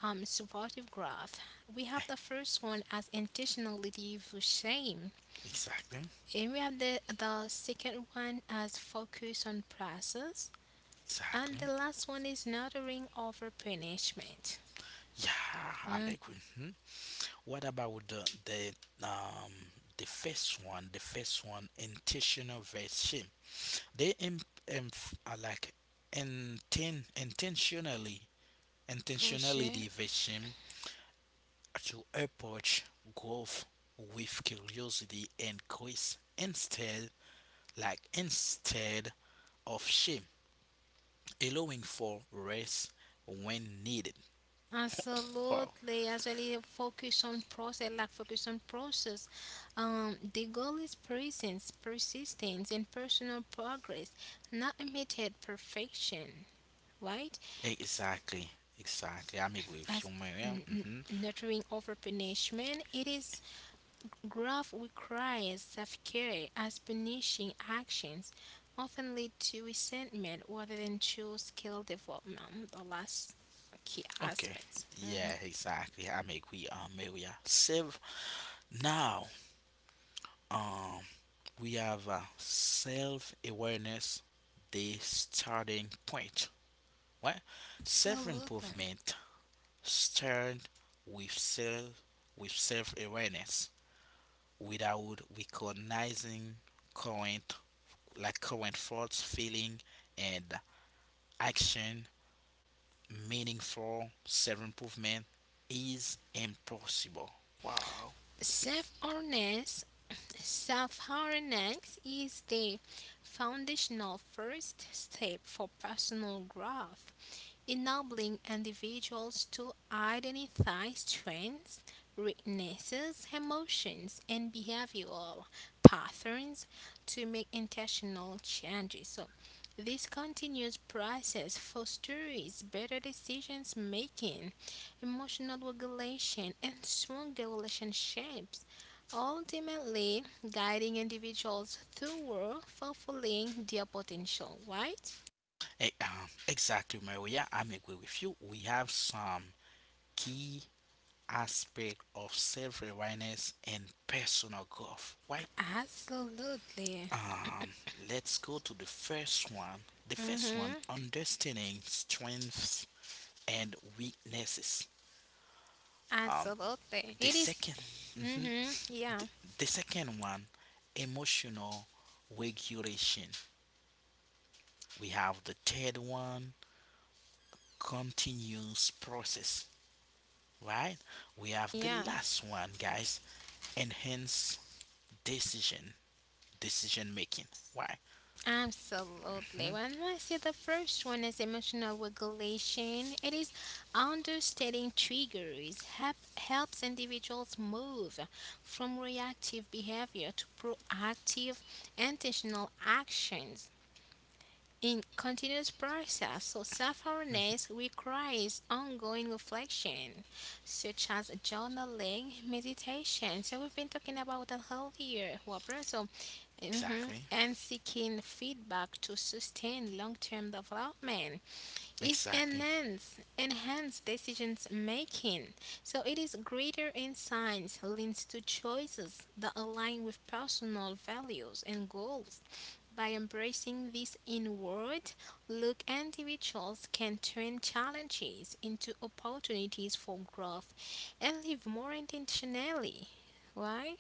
um, supportive growth, we have the first one as intentionality for shame, Exactly. and we have the, the second one as focus on process, and the Exactly. last one is nurturing over punishment. Yeah, I'm Mm. agree. Mhm. What about the, the um the first one? The first one, intentional versus shame. They em em are like inten, intentionally For sure. Intentionality versus shame, to approach growth with curiosity and grace instead like instead of shame, allowing for rest when needed. Wow. Absolutely. Actually, focus on process, like focus on process. Um, the goal is presence, persistence, and personal progress, not immediate perfection, right? Exactly. Exactly. I'm As agree with you, n- Maria. n- Hmm. nurturing over punishment, it is growth requires self care, as punishing actions often lead to resentment rather than true skill development. The last key Okay. aspect. Yeah, exactly. I'm agree, uh, Maria. Self. Now, um, we have uh, self awareness, the starting point. What? Self Absolutely. improvement start with self with self awareness, without recognizing current like current thoughts, feeling, and action. Meaningful self-improvement is impossible. Wow. Self-awareness, (clears throat) self-awareness is the foundational first step for personal growth, enabling individuals to identify strengths, weaknesses, emotions, and behavioral patterns to make intentional changes. So, this continuous process fosters better decisions making, emotional regulation, and stronger relationships, ultimately guiding individuals toward fulfilling their potential, right? Eh, um, exactly, Maria. Yeah, I'm agree with you. We have some key aspect of self-awareness and personal growth, right? Absolutely. Um, let's go to the first one. The first one, Mm-hmm. understanding strengths and weaknesses. Um, Absolutely. The It is. 2nd Mm-hmm. Yeah. the second one, emotional regulation. We have the third one, continuous process, right? We have the Yeah. last one, guys, enhance decision, decision making. Why? Absolutely. When I say the first one is emotional regulation, it is understanding triggers help, helps individuals move from reactive behavior to proactive, intentional actions. In continuous process, so Mhm. self-awareness requires ongoing reflection, such as journaling, meditation. So we've been talking about that earlier, Whopper. So Mhm. Exactly. And seeking feedback to sustain long-term development. It Exactly. enhance enhance decisions making. So it is greater insights leads to choices that align with personal values and goals. By embracing this inward look, individuals can turn challenges into opportunities for growth and live more intentionally. Right?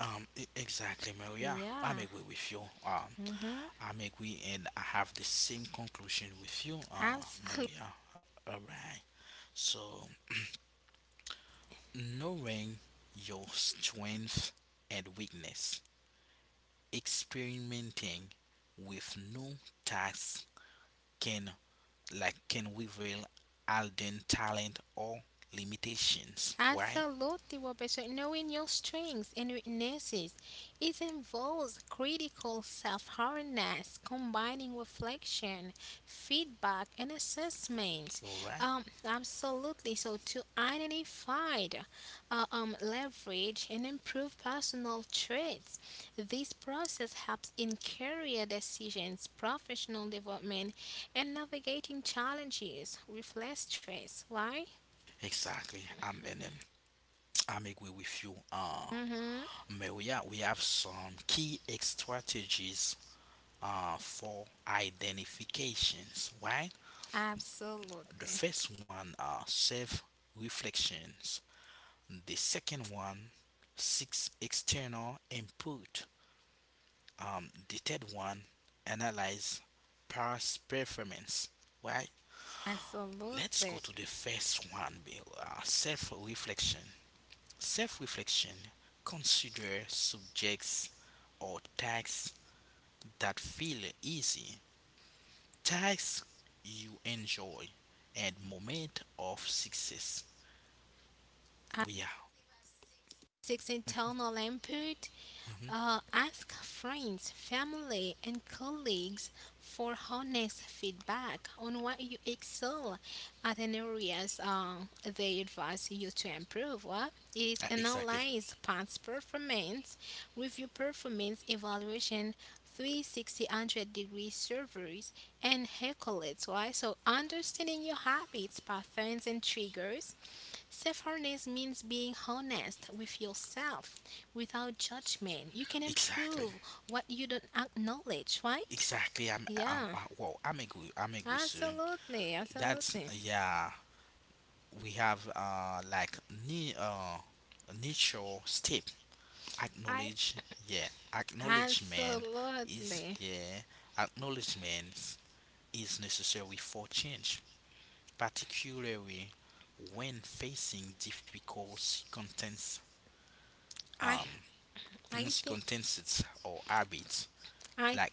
Um. e- Exactly, Maria. I'm Yeah. agree with you. Um. Mm-hmm. I'm agree, and I have the same conclusion with you, uh, Maria. All right. So knowing your strength and weakness, experimenting with new tasks can like can reveal hidden talent or limitations, right? Absolutely, Roberto. Knowing your strengths and weaknesses, it involves critical self-awareness, combining reflection, feedback, and assessment. All right, Um, absolutely. So to identify, uh, um, leverage, and improve personal traits, this process helps in career decisions, professional development, and navigating challenges with less stress. Why? exactly. I'm in them I'm agree with you, uh Mm-hmm. Maria. We have some key strategies uh for identifications, right? The Absolutely. first one are self reflections, the second one, six external input, um, the third one, analyze past performance, right? Let's Absolutely. go to the Uh, first one, Bill. Uh, self-reflection self-reflection, consider subjects or tasks that feel easy, tasks you enjoy and moment of success we are. Six internal input. Mhm. Uh, ask friends, family, and colleagues for honest feedback on what you excel at and areas uh, they advise you to improve. What is Uh, exactly, analyze past performance, review performance evaluation, three sixty degree surveys, and accolades. Why? So understanding your habits, patterns, and triggers. Self-awareness means being honest with yourself without judgment. You can exactly. improve what you don't acknowledge, right? Exactly. I'm, I'm, Yeah, I, well, I'm agree. I'm agree soon. absolutely, That's absolutely. yeah. We have uh like ni uh initial step, I acknowledge. Yeah, acknowledgement is, absolutely. yeah, acknowledgement is necessary for change, particularly when facing difficult circumstances, I um I think circumstances or habits I like.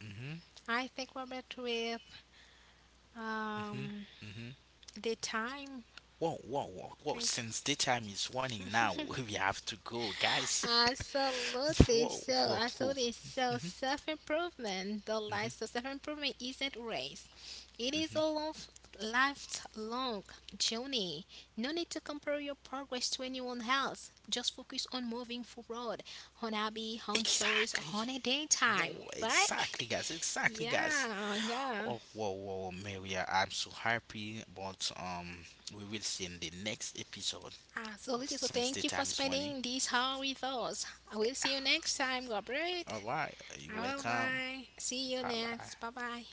Mhm. I think Robert with Mhm. um Mhm. the time. Whoa, whoa, whoa, whoa. Thank Since the time is running now, (laughs) we have to go, guys. (laughs) absolutely. Whoa, So, whoa, whoa. absolutely. So, self improvement, the Hmm. life, so self improvement isn't a race. It is a Hmm. long, lifelong journey. No need to compare your progress to anyone else. Just focus on moving forward, on hobby, on choice, Exactly. on a daytime, Whoa, right? exactly, (laughs) guys. Exactly, guys. Yeah, yeah. Oh, whoa, whoa, Maria. I'm so happy, but um, we will see in the next episode. Absolutely. So Since the thank you time for is running. spending this hour with us. I will see you next time, Gabriel. All right. You're Bye welcome. bye. See you Bye bye. next. Bye bye.